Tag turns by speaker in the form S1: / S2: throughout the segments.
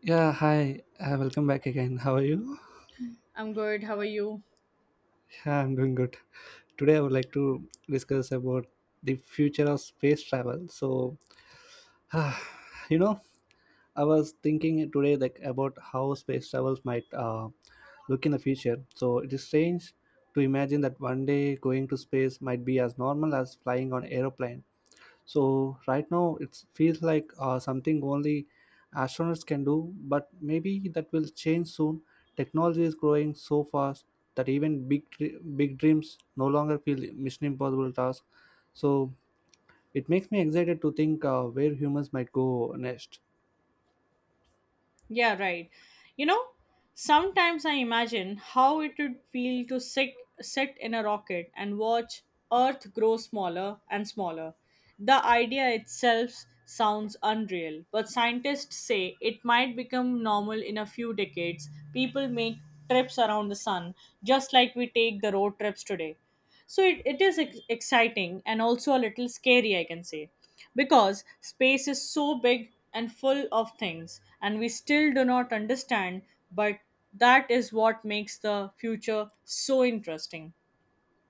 S1: Yeah, hi. Welcome back again. How are you?
S2: I'm good. How are you?
S1: Yeah, I'm doing good. Today I would like to discuss about the future of space travel. So, ah, you know, I was thinking today like about how space travels might look in the future. So, it is strange to imagine that one day going to space might be as normal as flying on aeroplane. So right now it feels like something only astronauts can do, but maybe that will change soon. Technology is growing so fast that even big dreams no longer feel mission impossible tasks. So it makes me excited to think where humans might go next.
S2: Yeah, right. You know, sometimes I imagine how it would feel to sit in a rocket and watch Earth grow smaller and smaller. The idea itself sounds unreal, but scientists say it might become normal in a few decades. People make trips around the sun just like we take the road trips today. So it is exciting and also a little scary, I can say, because space is so big and full of things and we still do not understand, but that is what makes the future so interesting.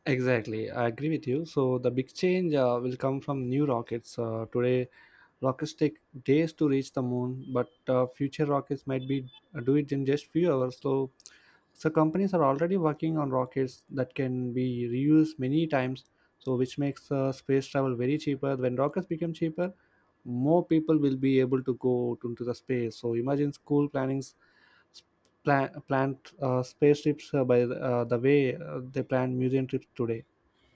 S1: Exactly, I agree with you. So the big change will come from new rockets. Today rockets take days to reach the moon, but future rockets might be do it in just few hours. So, companies are already working on rockets that can be reused many times. So, which makes space travel very cheaper. When rockets become cheaper, more people will be able to go to, into the space. So, imagine planned space trips uh, the way they plan museum trips today.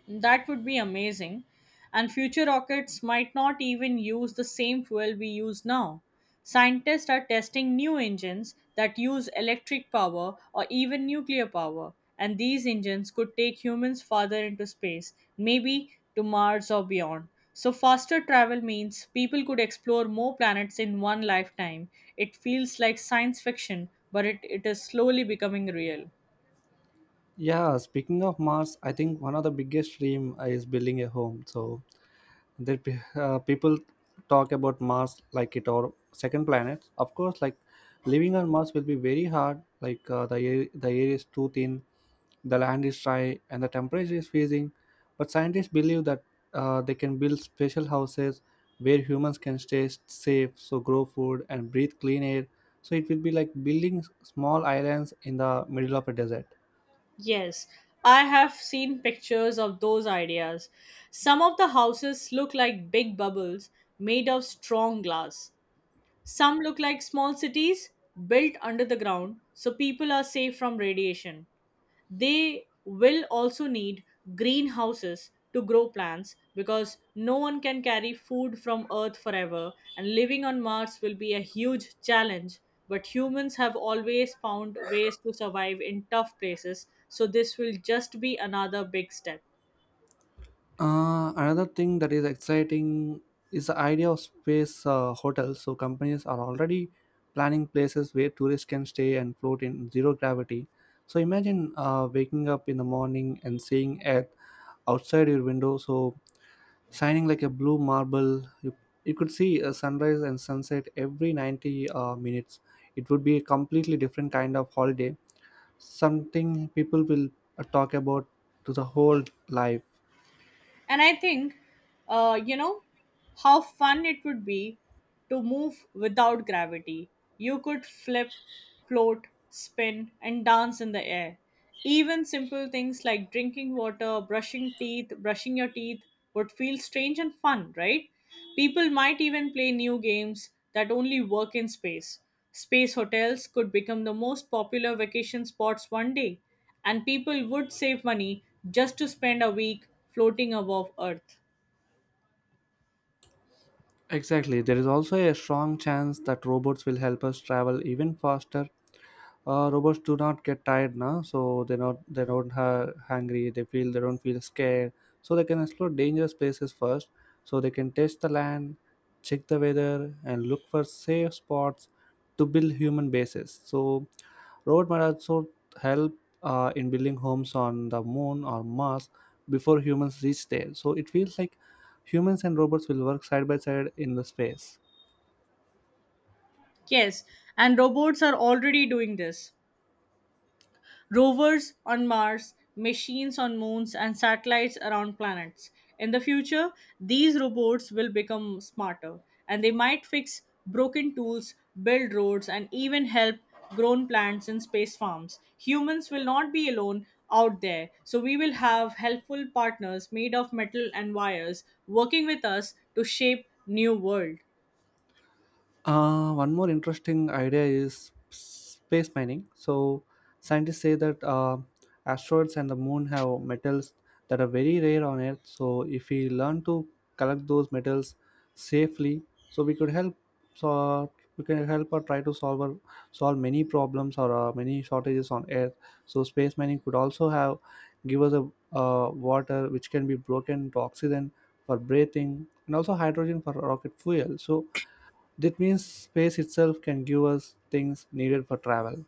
S2: That would be amazing. And future rockets might not even use the same fuel we use now. Scientists are testing new engines that use electric power or even nuclear power, and these engines could take humans farther into space, maybe to Mars or beyond. So, faster travel means people could explore more planets in one lifetime. It feels like science fiction, but it is slowly becoming real.
S1: Yeah, speaking of Mars, I think one of the biggest dream is building a home. So that people talk about mars like it or second planet of course like living on mars will be very hard like uh, the air is too thin, the land is dry and the temperature is freezing, but scientists believe that they can build special houses where humans can stay safe, so grow food and breathe clean air. So it will be like building small islands in the middle of a desert.
S2: Yes, I have seen pictures of those ideas. Some of the houses look like big bubbles made of strong glass. Some look like small cities built under the ground so people are safe from radiation. They will also need greenhouses to grow plants because no one can carry food from Earth forever, and living on Mars will be a huge challenge. But humans have always found ways to survive in tough places, so this will just be another big step.
S1: Another thing that is exciting is the idea of space hotels. So companies are already planning places where tourists can stay and float in zero gravity. So imagine waking up in the morning and seeing Earth outside your window, so shining like a blue marble. You could see a sunrise and sunset every 90 minutes. It would be a completely different kind of holiday, something people will talk about to the whole life.
S2: And I think, uh, you know, how fun it would be to move without gravity. You could flip, float, spin, and dance in the air. Even simple things like drinking water, brushing teeth, brushing your teeth would feel strange and fun, right? People might even play new games that only work in space. Space hotels could become the most popular vacation spots one day, and people would save money just to spend a week floating above Earth.
S1: Exactly. There is also a strong chance that robots will help us travel even faster. Robots do not get tired now, so they don't ha- hungry they feel, they don't feel scared, so they can explore dangerous places first, so they can test the land, check the weather and look for safe spots to build human bases. So robot might also help in building homes on the moon or mars before humans reach there. So it feels like humans and robots will work side by side in the space.
S2: Yes, and robots are already doing this: rovers on Mars, machines on moons, and satellites around planets. In the future, these robots will become smarter and they might fix broken tools, build roads, and even help grown plants in space farms. Humans will not be alone out there, so we will have helpful partners made of metal and wires working with us to shape new world.
S1: One more interesting idea is space mining. So, scientists say that asteroids and the moon have metals that are very rare on Earth. So, if we learn to collect those metals safely, so we could help. So we can help or try to solve or solve many problems or many shortages on Earth. So, space mining could also have give us a water which can be broken to oxygen for breathing and also hydrogen for rocket fuel. So that means space itself can give us things needed for travel.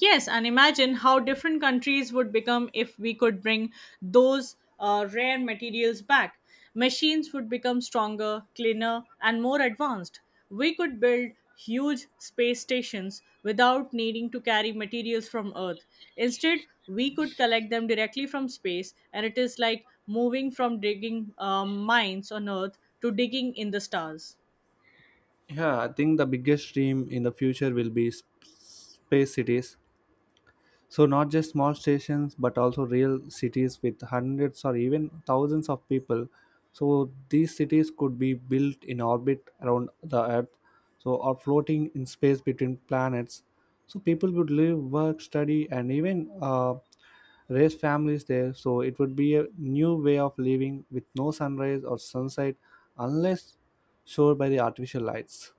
S2: Yes, and imagine how different countries would become if we could bring those rare materials back. Machines would become stronger, cleaner, and more advanced. We could build huge space stations without needing to carry materials from Earth. Instead, we could collect them directly from space, and it is like moving from digging mines on Earth to digging in the stars.
S1: Yeah, I think the biggest dream in the future will be space cities. So, not just small stations, but also real cities with hundreds or even thousands of people. So, these cities could be built in orbit around the Earth, so or floating in space between planets. So, people would live, work, study, and even raise families there. So, it would be a new way of living with no sunrise or sunset unless showed by the artificial lights.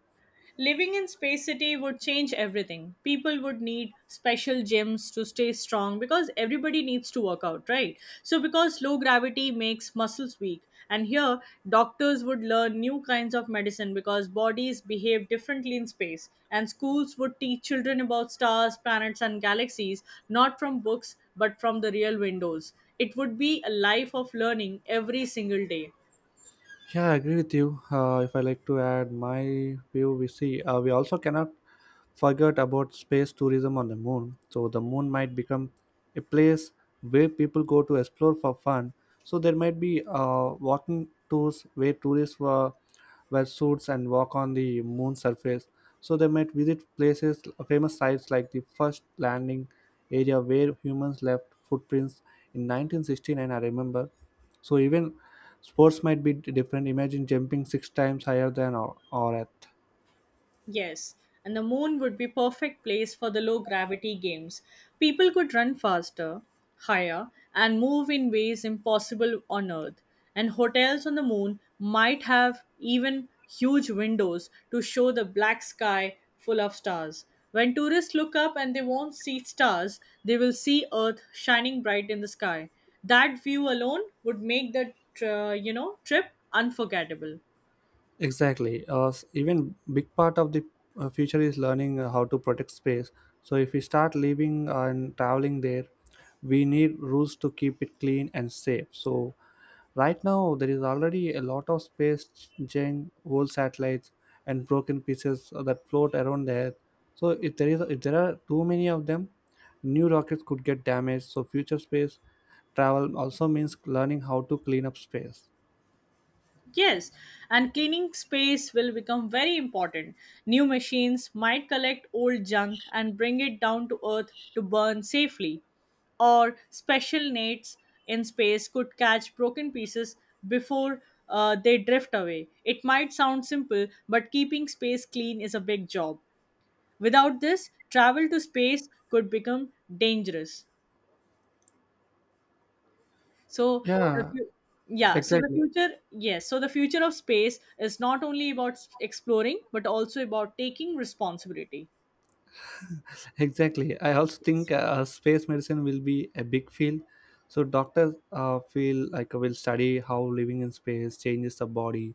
S2: Living in Space City would change everything. People would need special gyms to stay strong because everybody needs to work out, right? So, because low gravity makes muscles weak, and here doctors would learn new kinds of medicine because bodies behave differently in space, and schools would teach children about stars, planets, and galaxies not from books but from the real windows. It would be a life of learning every single day.
S1: Yeah, I agree with you. If I like to add my view, we see we also cannot forget about space tourism on the moon. So the moon might become a place where people go to explore for fun. So there might be walking tours where tourists were wear suits and walk on the moon surface. So they might visit places, famous sites like the first landing area where humans left footprints in 1969. I remember so even sports might be different. Imagine jumping six times higher than or at.
S2: Yes, and the moon would be perfect place for the low gravity games. People could run faster, higher, and move in ways impossible on earth. And hotels on the moon might have even huge windows to show the black sky full of stars. When tourists look up and they won't see stars, they will see earth shining bright in the sky. That view alone would make the trip unforgettable.
S1: Exactly. Even big part of the future is learning how to protect space. So if we start living and traveling there, we need rules to keep it clean and safe. So right now, there is already a lot of space junk, old satellites, and broken pieces that float around the Earth. So, if there are too many of them, new rockets could get damaged. So, future space travel also means learning how to clean up space.
S2: Yes, and cleaning space will become very important. New machines might collect old junk and bring it down to earth to burn safely, or special nets in space could catch broken pieces before they drift away. It might sound simple, but keeping space clean is a big job. Without this, travel to space could become dangerous. So the
S1: Yeah,
S2: fu- yeah, so the
S1: exactly.
S2: future, the future of space is not only about exploring but also about taking responsibility.
S1: Exactly, I also think space medicine will be a big field. So doctors feel like will study how living in space changes the body,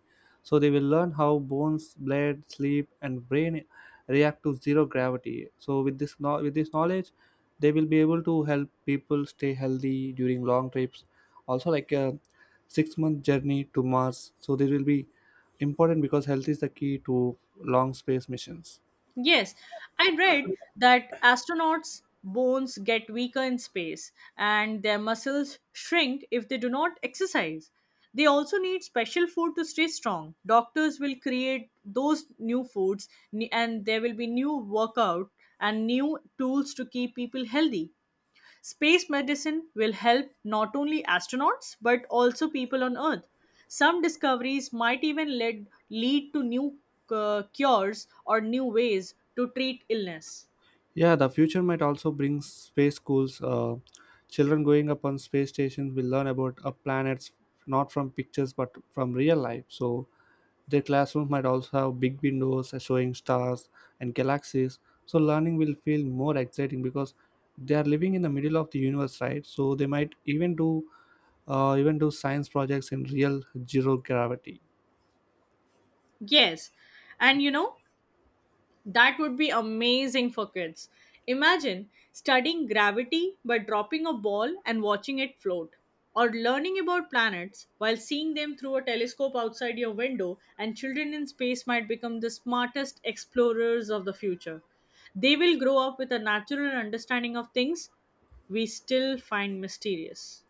S1: so they will learn how bones, blood, sleep and brain react to zero gravity. So with this knowledge they will be able to help people stay healthy during long trips, also like a 6 month journey to mars. So this will be important because health is the key to long space missions.
S2: Yes, I read that astronauts' bones get weaker in space and their muscles shrink if they do not exercise. They also need special food to stay strong. Doctors will create those new foods and there will be new workout and new tools to keep people healthy. Space medicine will help not only astronauts but also people on Earth. Some discoveries might even lead to new cures or new ways to treat illness.
S1: Yeah, the future might also bring space schools. Children growing up on space stations will learn about a planets not from pictures but from real life. So their classrooms might also have big windows showing stars and galaxies. So learning will feel more exciting because they are living in the middle of the universe, right? So they might even do science projects in real zero gravity.
S2: Yes, and you know, that would be amazing for kids. Imagine studying gravity by dropping a ball and watching it float, or learning about planets while seeing them through a telescope outside your window, and children in space might become the smartest explorers of the future. They will grow up with a natural understanding of things we still find mysterious.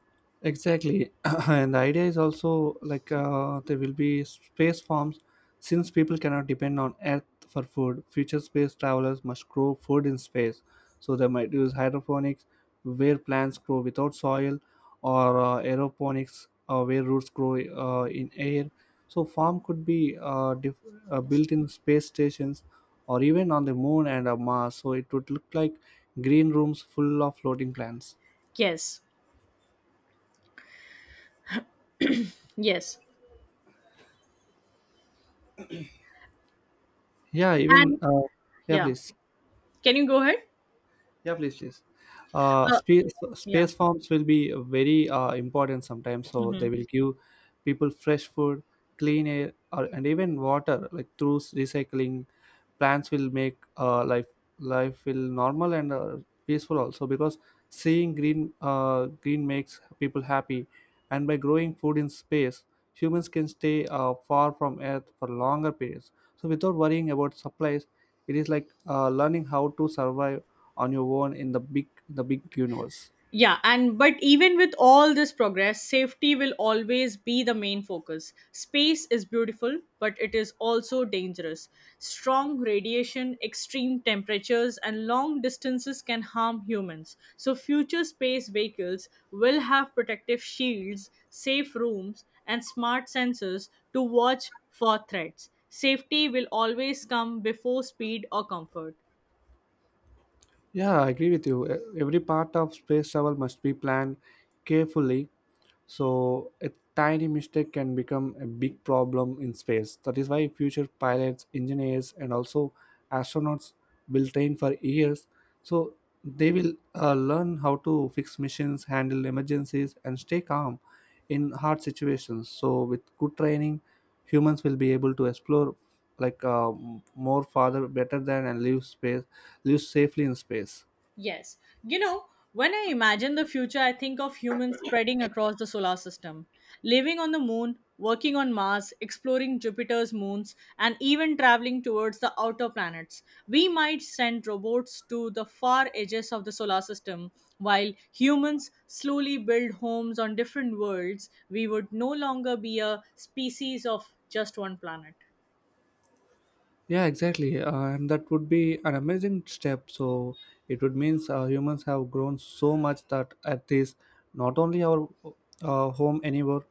S1: Exactly. And the idea is also like there will be space farms since people cannot depend on Earth for food. Future space travelers must grow food in space. So they might use hydroponics where plants grow without soil, or aeroponics where roots grow in air. So farm could be built in space stations or even on the moon and Mars. So it would look like green rooms full of floating plants.
S2: Yes, yes.
S1: Yeah, even
S2: And
S1: uh, yeah,
S2: yeah,
S1: please.
S2: can you go ahead?
S1: Yeah, please, please. Uh,
S2: Uh,
S1: space
S2: yeah.
S1: space farms will be very important sometimes. So they
S2: Mhm.
S1: will give people fresh food, clean air, or, and even water. Like through recycling, plants will make life will normal and peaceful also. Because seeing green makes people happy, and by growing food in space, humans can stay far from Earth for longer periods. So without worrying about supplies, it is like learning how to survive on your own in the big universe.
S2: Yeah, and but even with all this progress, safety will always be the main focus. Space is beautiful, but it is also dangerous. Strong radiation, extreme temperatures, and long distances can harm humans. So, future space vehicles will have protective shields, safe rooms, and smart sensors to watch for threats. Safety will always come before speed or comfort.
S1: Yeah, I agree with you. Every part of space travel must be planned carefully. So a tiny mistake can become a big problem in space. That is why future pilots, engineers, and also astronauts will train for years. So they will learn how to fix missions, handle emergencies, and stay calm in hard situations. So with good training, humans will be able to explore like more farther better than and live space, live safely in space.
S2: Yes. You know, when I imagine the future, I think of humans spreading across the solar system, living on the moon, working on Mars, exploring Jupiter's moons, and even traveling towards the outer planets. We might send robots to the far edges of the solar system, while humans slowly build homes on different worlds. We would no longer be a species of just one planet.
S1: Yeah, exactly. And that would be an amazing step. So it would means humans have grown so much that at this, not only our home anymore,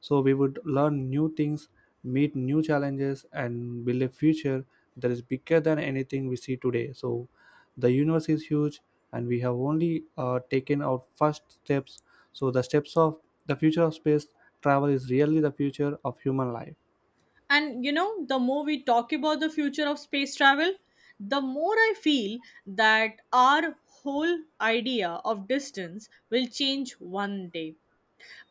S1: so we would learn new things, meet new challenges, and build a future that is bigger than anything we see today. So the universe is huge, and we have only taken our first steps. So the steps of the future of space travel is really the future of human life.
S2: And you know, the more we talk about the future of space travel, the more I feel that our whole idea of distance will change one day.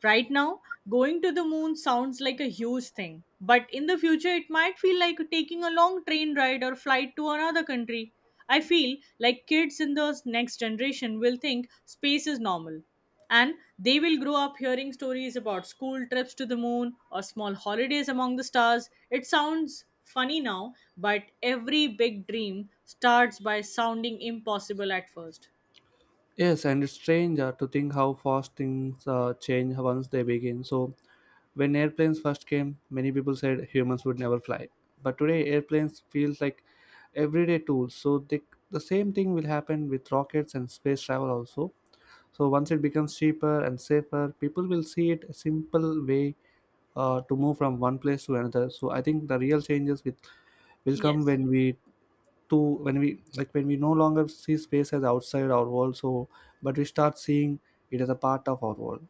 S2: Right now, going to the moon sounds like a huge thing, but in the future, it might feel like taking a long train ride or flight to another country. I feel like kids in the next generation will think space is normal, and they will grow up hearing stories about school trips to the moon or small holidays among the stars. It sounds funny now, but every big dream starts by sounding impossible at first.
S1: Yes, and it's strange to think how fast things change once they begin. So, when airplanes first came, many people said humans would never fly. But today, airplanes feels like everyday tools. The same thing will happen with rockets and space travel also. So, once it becomes cheaper and safer, people will see it a simple way to move from one place to another. So, I think the real changes with, will come
S2: Yes.
S1: when we to when we like when we no longer see space as outside our world, so but we start seeing it as a part of our world.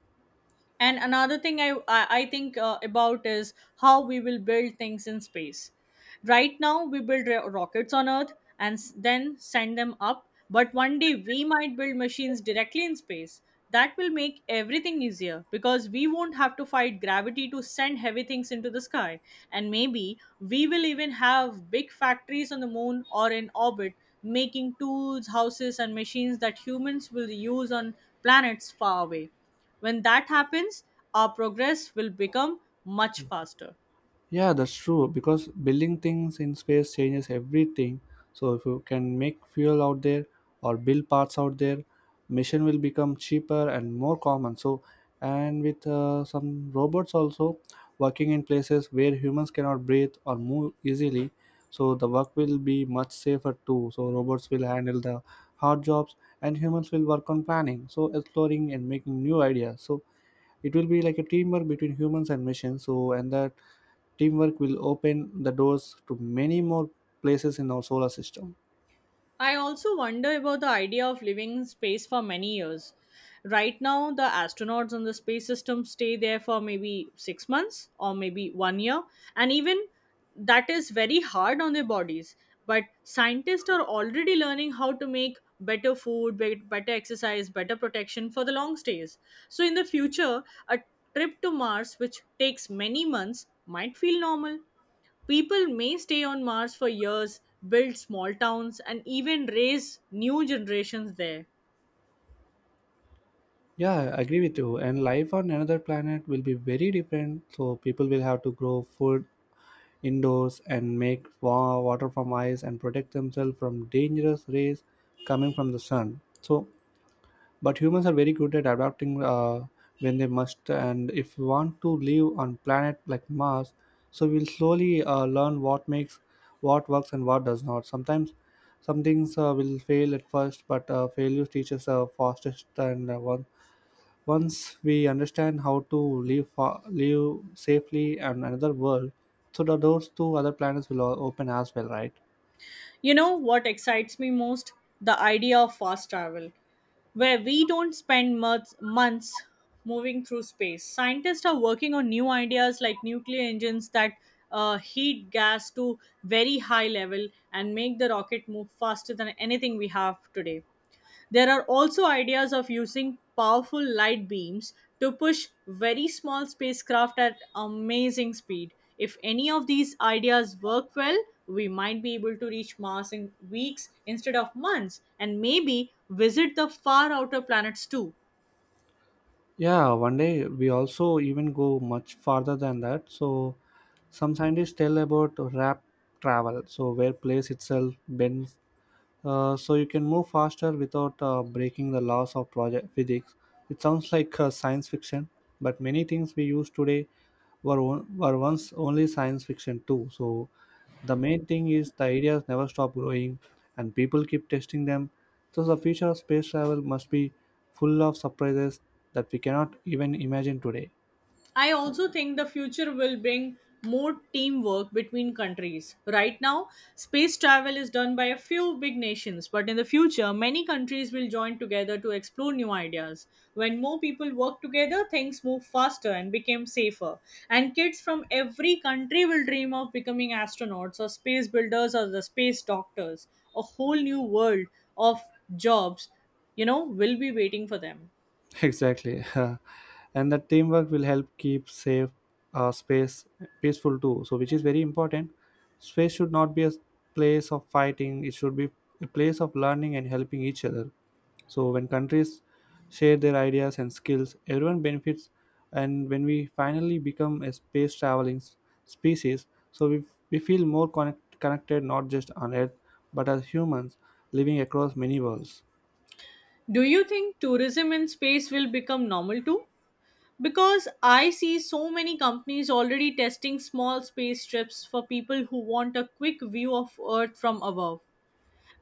S2: And another thing I think about is how we will build things in space. Right now, we build rockets on Earth and then send them up. But one day, we might build machines directly in space. That will make everything easier because we won't have to fight gravity to send heavy things into the sky. And maybe we will even have big factories on the moon or in orbit making tools, houses, and machines that humans will use on planets far away. When that happens, our progress will become much faster.
S1: Yeah, that's true because building things in space changes everything. So if you can make fuel out there or build parts out there, mission will become cheaper and more common. So and with some robots also working in places where humans cannot breathe or move easily, so the work will be much safer too. So robots will handle the hard jobs and humans will work on planning, so exploring and making new ideas. So it will be like a teamwork between humans and machines. So and that teamwork will open the doors to many more places in our solar system.
S2: I also wonder about the idea of living in space for many years. Right now, the astronauts on the space system stay there for maybe 6 months or maybe one year, and even that is very hard on their bodies. But scientists are already learning how to make better food, better exercise, better protection for the long stays. So, in the future, a trip to Mars, which takes many months, might feel normal. People may stay on Mars for years, build small towns, and even raise new generations there.
S1: Yeah, I agree with you, and life on another planet will be very different. So people will have to grow food indoors and make water from ice and protect themselves from dangerous rays coming from the sun. So but humans are very good at adapting when they must, and if we want to live on planet like Mars, so we'll slowly learn what makes, what works, and what does not. Sometimes, some things will fail at first, but failure teaches fastest. Once we understand how to live, live safely on another world, so the doors to other planets will open as well, right?
S2: You know what excites me most? The idea of fast travel, where we don't spend months moving through space. Scientists are working on new ideas like nuclear engines that heat gas to very high level and make the rocket move faster than anything we have today. There are also ideas of using powerful light beams to push very small spacecraft at amazing speed. If any of these ideas work well, we might be able to reach Mars in weeks instead of months and maybe visit the far outer planets too.
S1: Yeah, one day we also even go much farther than that. So, some scientists tell about rap travel, so where place itself bends, so you can move faster without breaking the laws of project physics. It sounds like science fiction, but many things we use today were once only science fiction too. So the main thing is the ideas never stop growing, and people keep testing them. So the future of space travel must be full of surprises that we cannot even imagine today.
S2: I also think the future will bring more teamwork between countries. Right now, space travel is done by a few big nations, but in the future, many countries will join together to explore new ideas. When more people work together, things move faster and become safer. And kids from every country will dream of becoming astronauts or space builders or the space doctors. A whole new world of jobs, you know, will be waiting for them.
S1: Exactly. And that teamwork will help keep safe space peaceful too, so which is very important. Space should not be a place of fighting; it should be a place of learning and helping each other. So when countries share their ideas and skills, everyone benefits, and when we finally become a space traveling species, so we feel more connected, not just on earth but as humans living across many worlds.
S2: Do you think tourism in space will become normal too? Because I see so many companies already testing small space trips for people who want a quick view of Earth from above.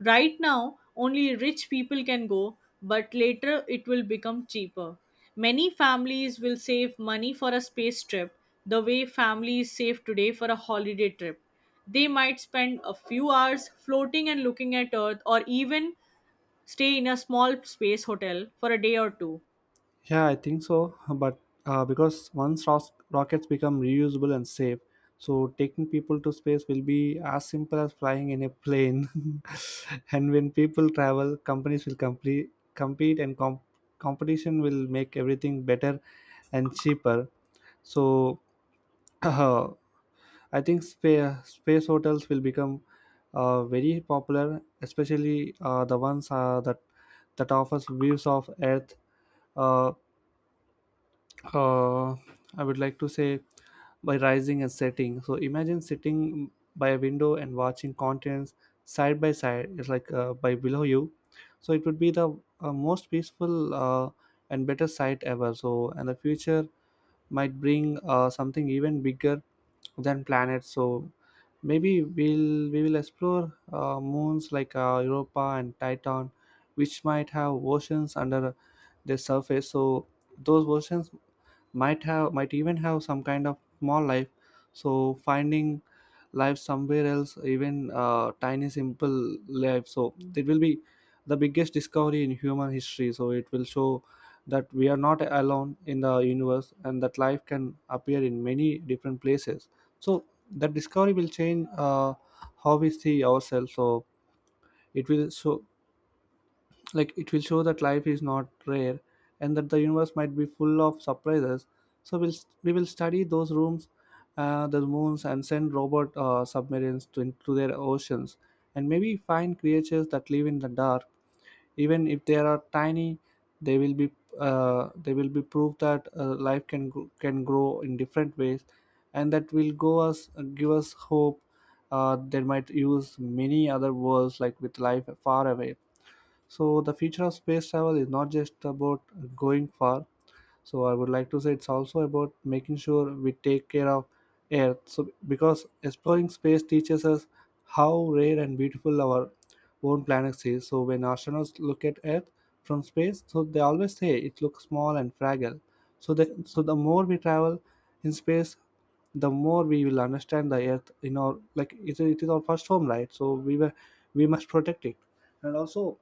S2: Right now, only rich people can go, but later it will become cheaper. Many families will save money for a space trip the way families save today for a holiday trip. They might spend a few hours floating and looking at Earth or even stay in a small space hotel for a day or two.
S1: Yeah, I think so. But because once rockets become reusable and safe, so taking people to space will be as simple as flying in a plane. And when people travel, companies will compete, and competition will make everything better and cheaper. So I think space hotels will become very popular, especially the ones that offers views of Earth. Uh, uh, I would like to say by rising and setting. So imagine sitting by a window and watching continents side by side. It's like by below you. So it would be the most peaceful and better sight ever. So and the future might bring something even bigger than planets. So maybe we will explore moons like Europa and Titan, which might have oceans under their surface. So those oceans might even have some kind of small life. So finding life somewhere else, even tiny simple life, so it will be the biggest discovery in human history. So it will show that we are not alone in the universe and that life can appear in many different places. So that discovery will change how we see ourselves. So it will show, like it will show that life is not rare and that the universe might be full of surprises. So we will study those rooms, the moons, and send robot submarines to into their oceans and maybe find creatures that live in the dark. Even if they are tiny, they will be, they will be proof that life can grow in different ways, and that will go us give us hope. They might use many other worlds like with life far away. So the future of space travel is not just about going far. So I would like to say it's also about making sure we take care of Earth. So because exploring space teaches us how rare and beautiful our own planet is. So when astronauts look at Earth from space, so they always say it looks small and fragile. So the more we travel in space, the more we will understand the Earth. You know, like, it is our first home, right? So we must protect it, and also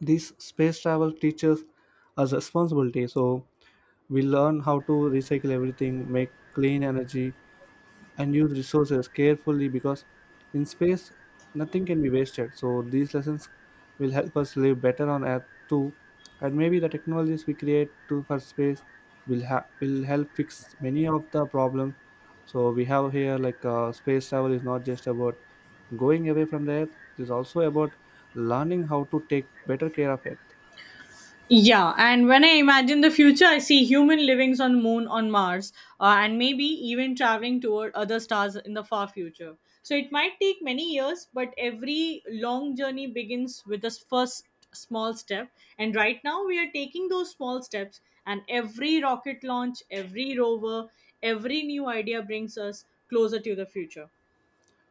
S1: this space travel teaches us responsibility. So we learn how to recycle everything, make clean energy, and use resources carefully, because in space nothing can be wasted. So these lessons will help us live better on Earth too, and maybe the technologies we create to for space will help fix many of the problems. So we have here like space travel is not just about going away from the Earth; it is also about learning how to take better care of Earth.
S2: Yeah, and when I imagine the future, I see human livings on moon, on Mars, and maybe even traveling toward other stars in the far future. So it might take many years, but every long journey begins with the first small step. And right now, we are taking those small steps, and every rocket launch, every rover, every new idea brings us closer to the future.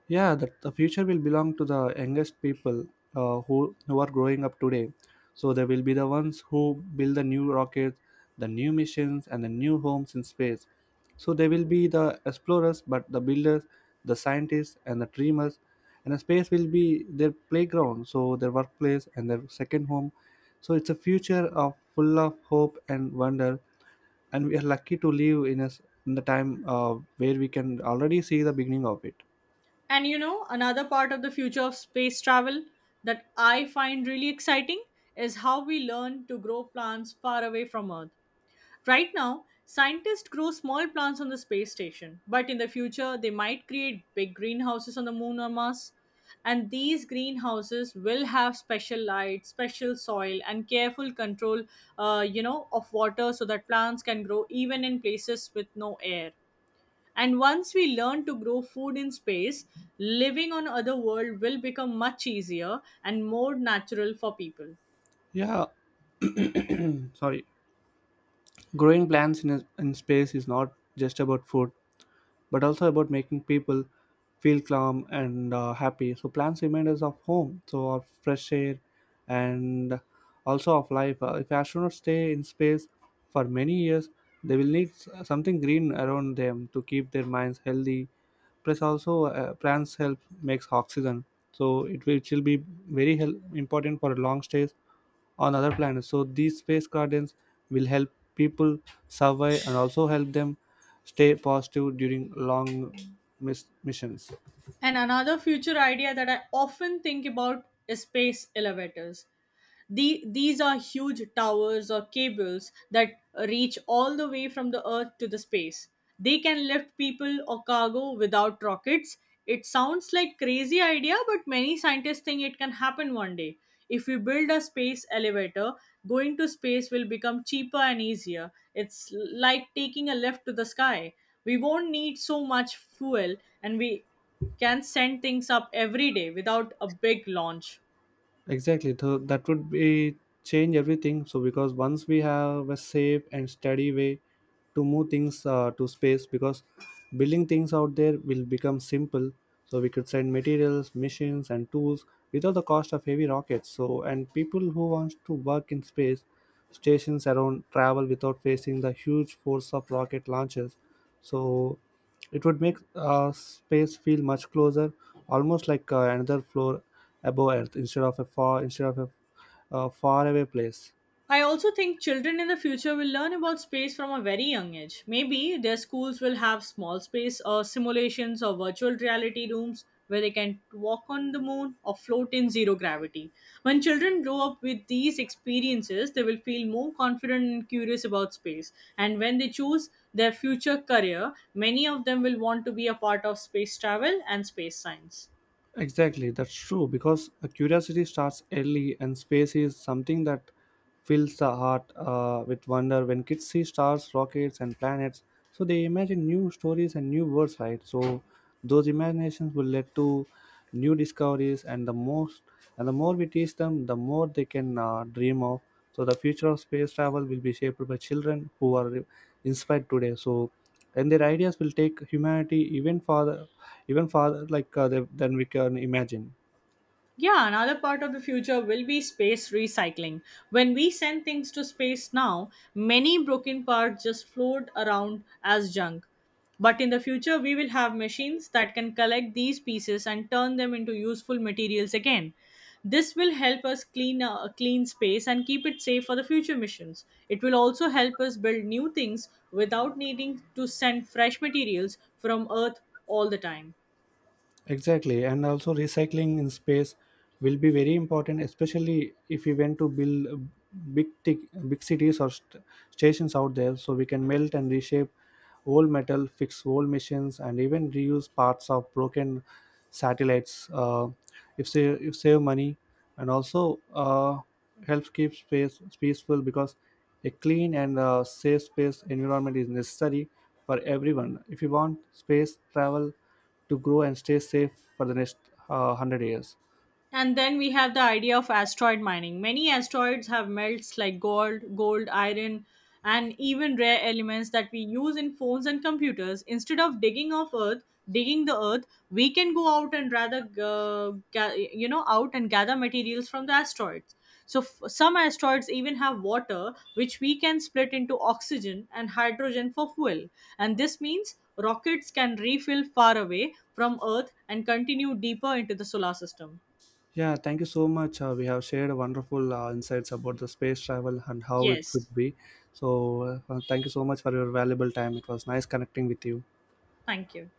S1: Yeah, that the future will belong to the youngest people, uh, who are growing up today. So they will be the ones who build the new rockets, the new missions, and the new homes in space. So they will be the explorers but the builders, the scientists, and the dreamers, and the space will be their playground, so their workplace and their second home. So it's a future of full of hope and wonder, and we are lucky to live in a s in the time where we can already see the beginning of it.
S2: And you know, another part of the future of space travel that I find really exciting is how we learn to grow plants far away from Earth. Right now, scientists grow small plants on the space station, but in the future, they might create big greenhouses on the moon or Mars. And these greenhouses will have special light, special soil, and careful control, of water so that plants can grow even in places with no air. And once we learn to grow food in space, living on other world will become much easier and more natural for people.
S1: Yeah, sorry. Growing plants in space is not just about food, but also about making people feel calm and happy. So plants remind us of home, so of fresh air and also of life. If astronauts stay in space for many years, they will need something green around them to keep their minds healthy. Plus, also, plants help makes oxygen, so it will be very important for long stays on other planets. So these space gardens will help people survive and also help them stay positive during long missions.
S2: And another future idea that I often think about is space elevators. These are huge towers or cables that reach all the way from the Earth to the space. They can lift people or cargo without rockets. It sounds like crazy idea, but many scientists think it can happen one day. If we build a space elevator, going to space will become cheaper and easier. It's like taking a lift to the sky. We won't need so much fuel and we can send things up every day without a big launch.
S1: Exactly. So that would be change everything. So because once we have a safe and steady way to move things to space, because building things out there will become simple. So we could send materials, machines, and tools without the cost of heavy rockets. So and people who wants to work in space stations around travel without facing the huge force of rocket launches. So it would make space feel much closer, almost like another floor above earth instead of a far away place.
S2: I also think children in the future will learn about space from a very young age. Maybe their schools will have small space or simulations or virtual reality rooms where they can walk on the moon or float in zero gravity. When children grow up with these experiences, they will feel more confident and curious about space. And when they choose their future career, many of them will want to be a part of space travel and space science.
S1: Exactly, that's true, because a curiosity starts early, and space is something that fills the heart with wonder. When kids see stars, rockets, and planets, so they imagine new stories and new worlds, right? So those imaginations will lead to new discoveries, and the most and the more we teach them, the more they can dream of. So the future of space travel will be shaped by children who are inspired today. So and their ideas will take humanity even farther, like, than we can imagine.
S2: Yeah, another part of the future will be space recycling. When we send things to space now, many broken parts just float around as junk. But in the future, we will have machines that can collect these pieces and turn them into useful materials again. This will help us clean space and keep it safe for the future missions. It will also help us build new things without needing to send fresh materials from Earth all the time.
S1: Exactly, and also recycling in space will be very important, especially if we want to build big cities or stations out there. So we can melt and reshape old metal, fix old missions, and even reuse parts of broken satellites. If save money, and also, helps keep space peaceful, because a clean and safe space environment is necessary for everyone. If you want space travel to grow and stay safe for the next 100 years.
S2: And then we have the idea of asteroid mining. Many asteroids have melts like gold, iron, and even rare elements that we use in phones and computers. Instead of digging off Earth, digging the Earth, we can go out and rather, ga- you know, out and gather materials from the asteroids. So some asteroids even have water, which we can split into oxygen and hydrogen for fuel. And this means rockets can refill far away from Earth and continue deeper into the solar system.
S1: Yeah, thank you so much. We have shared wonderful insights about the space travel and how it
S2: Yes.
S1: would be. So, thank you so much for your valuable time. It was nice connecting with you.
S2: Thank you.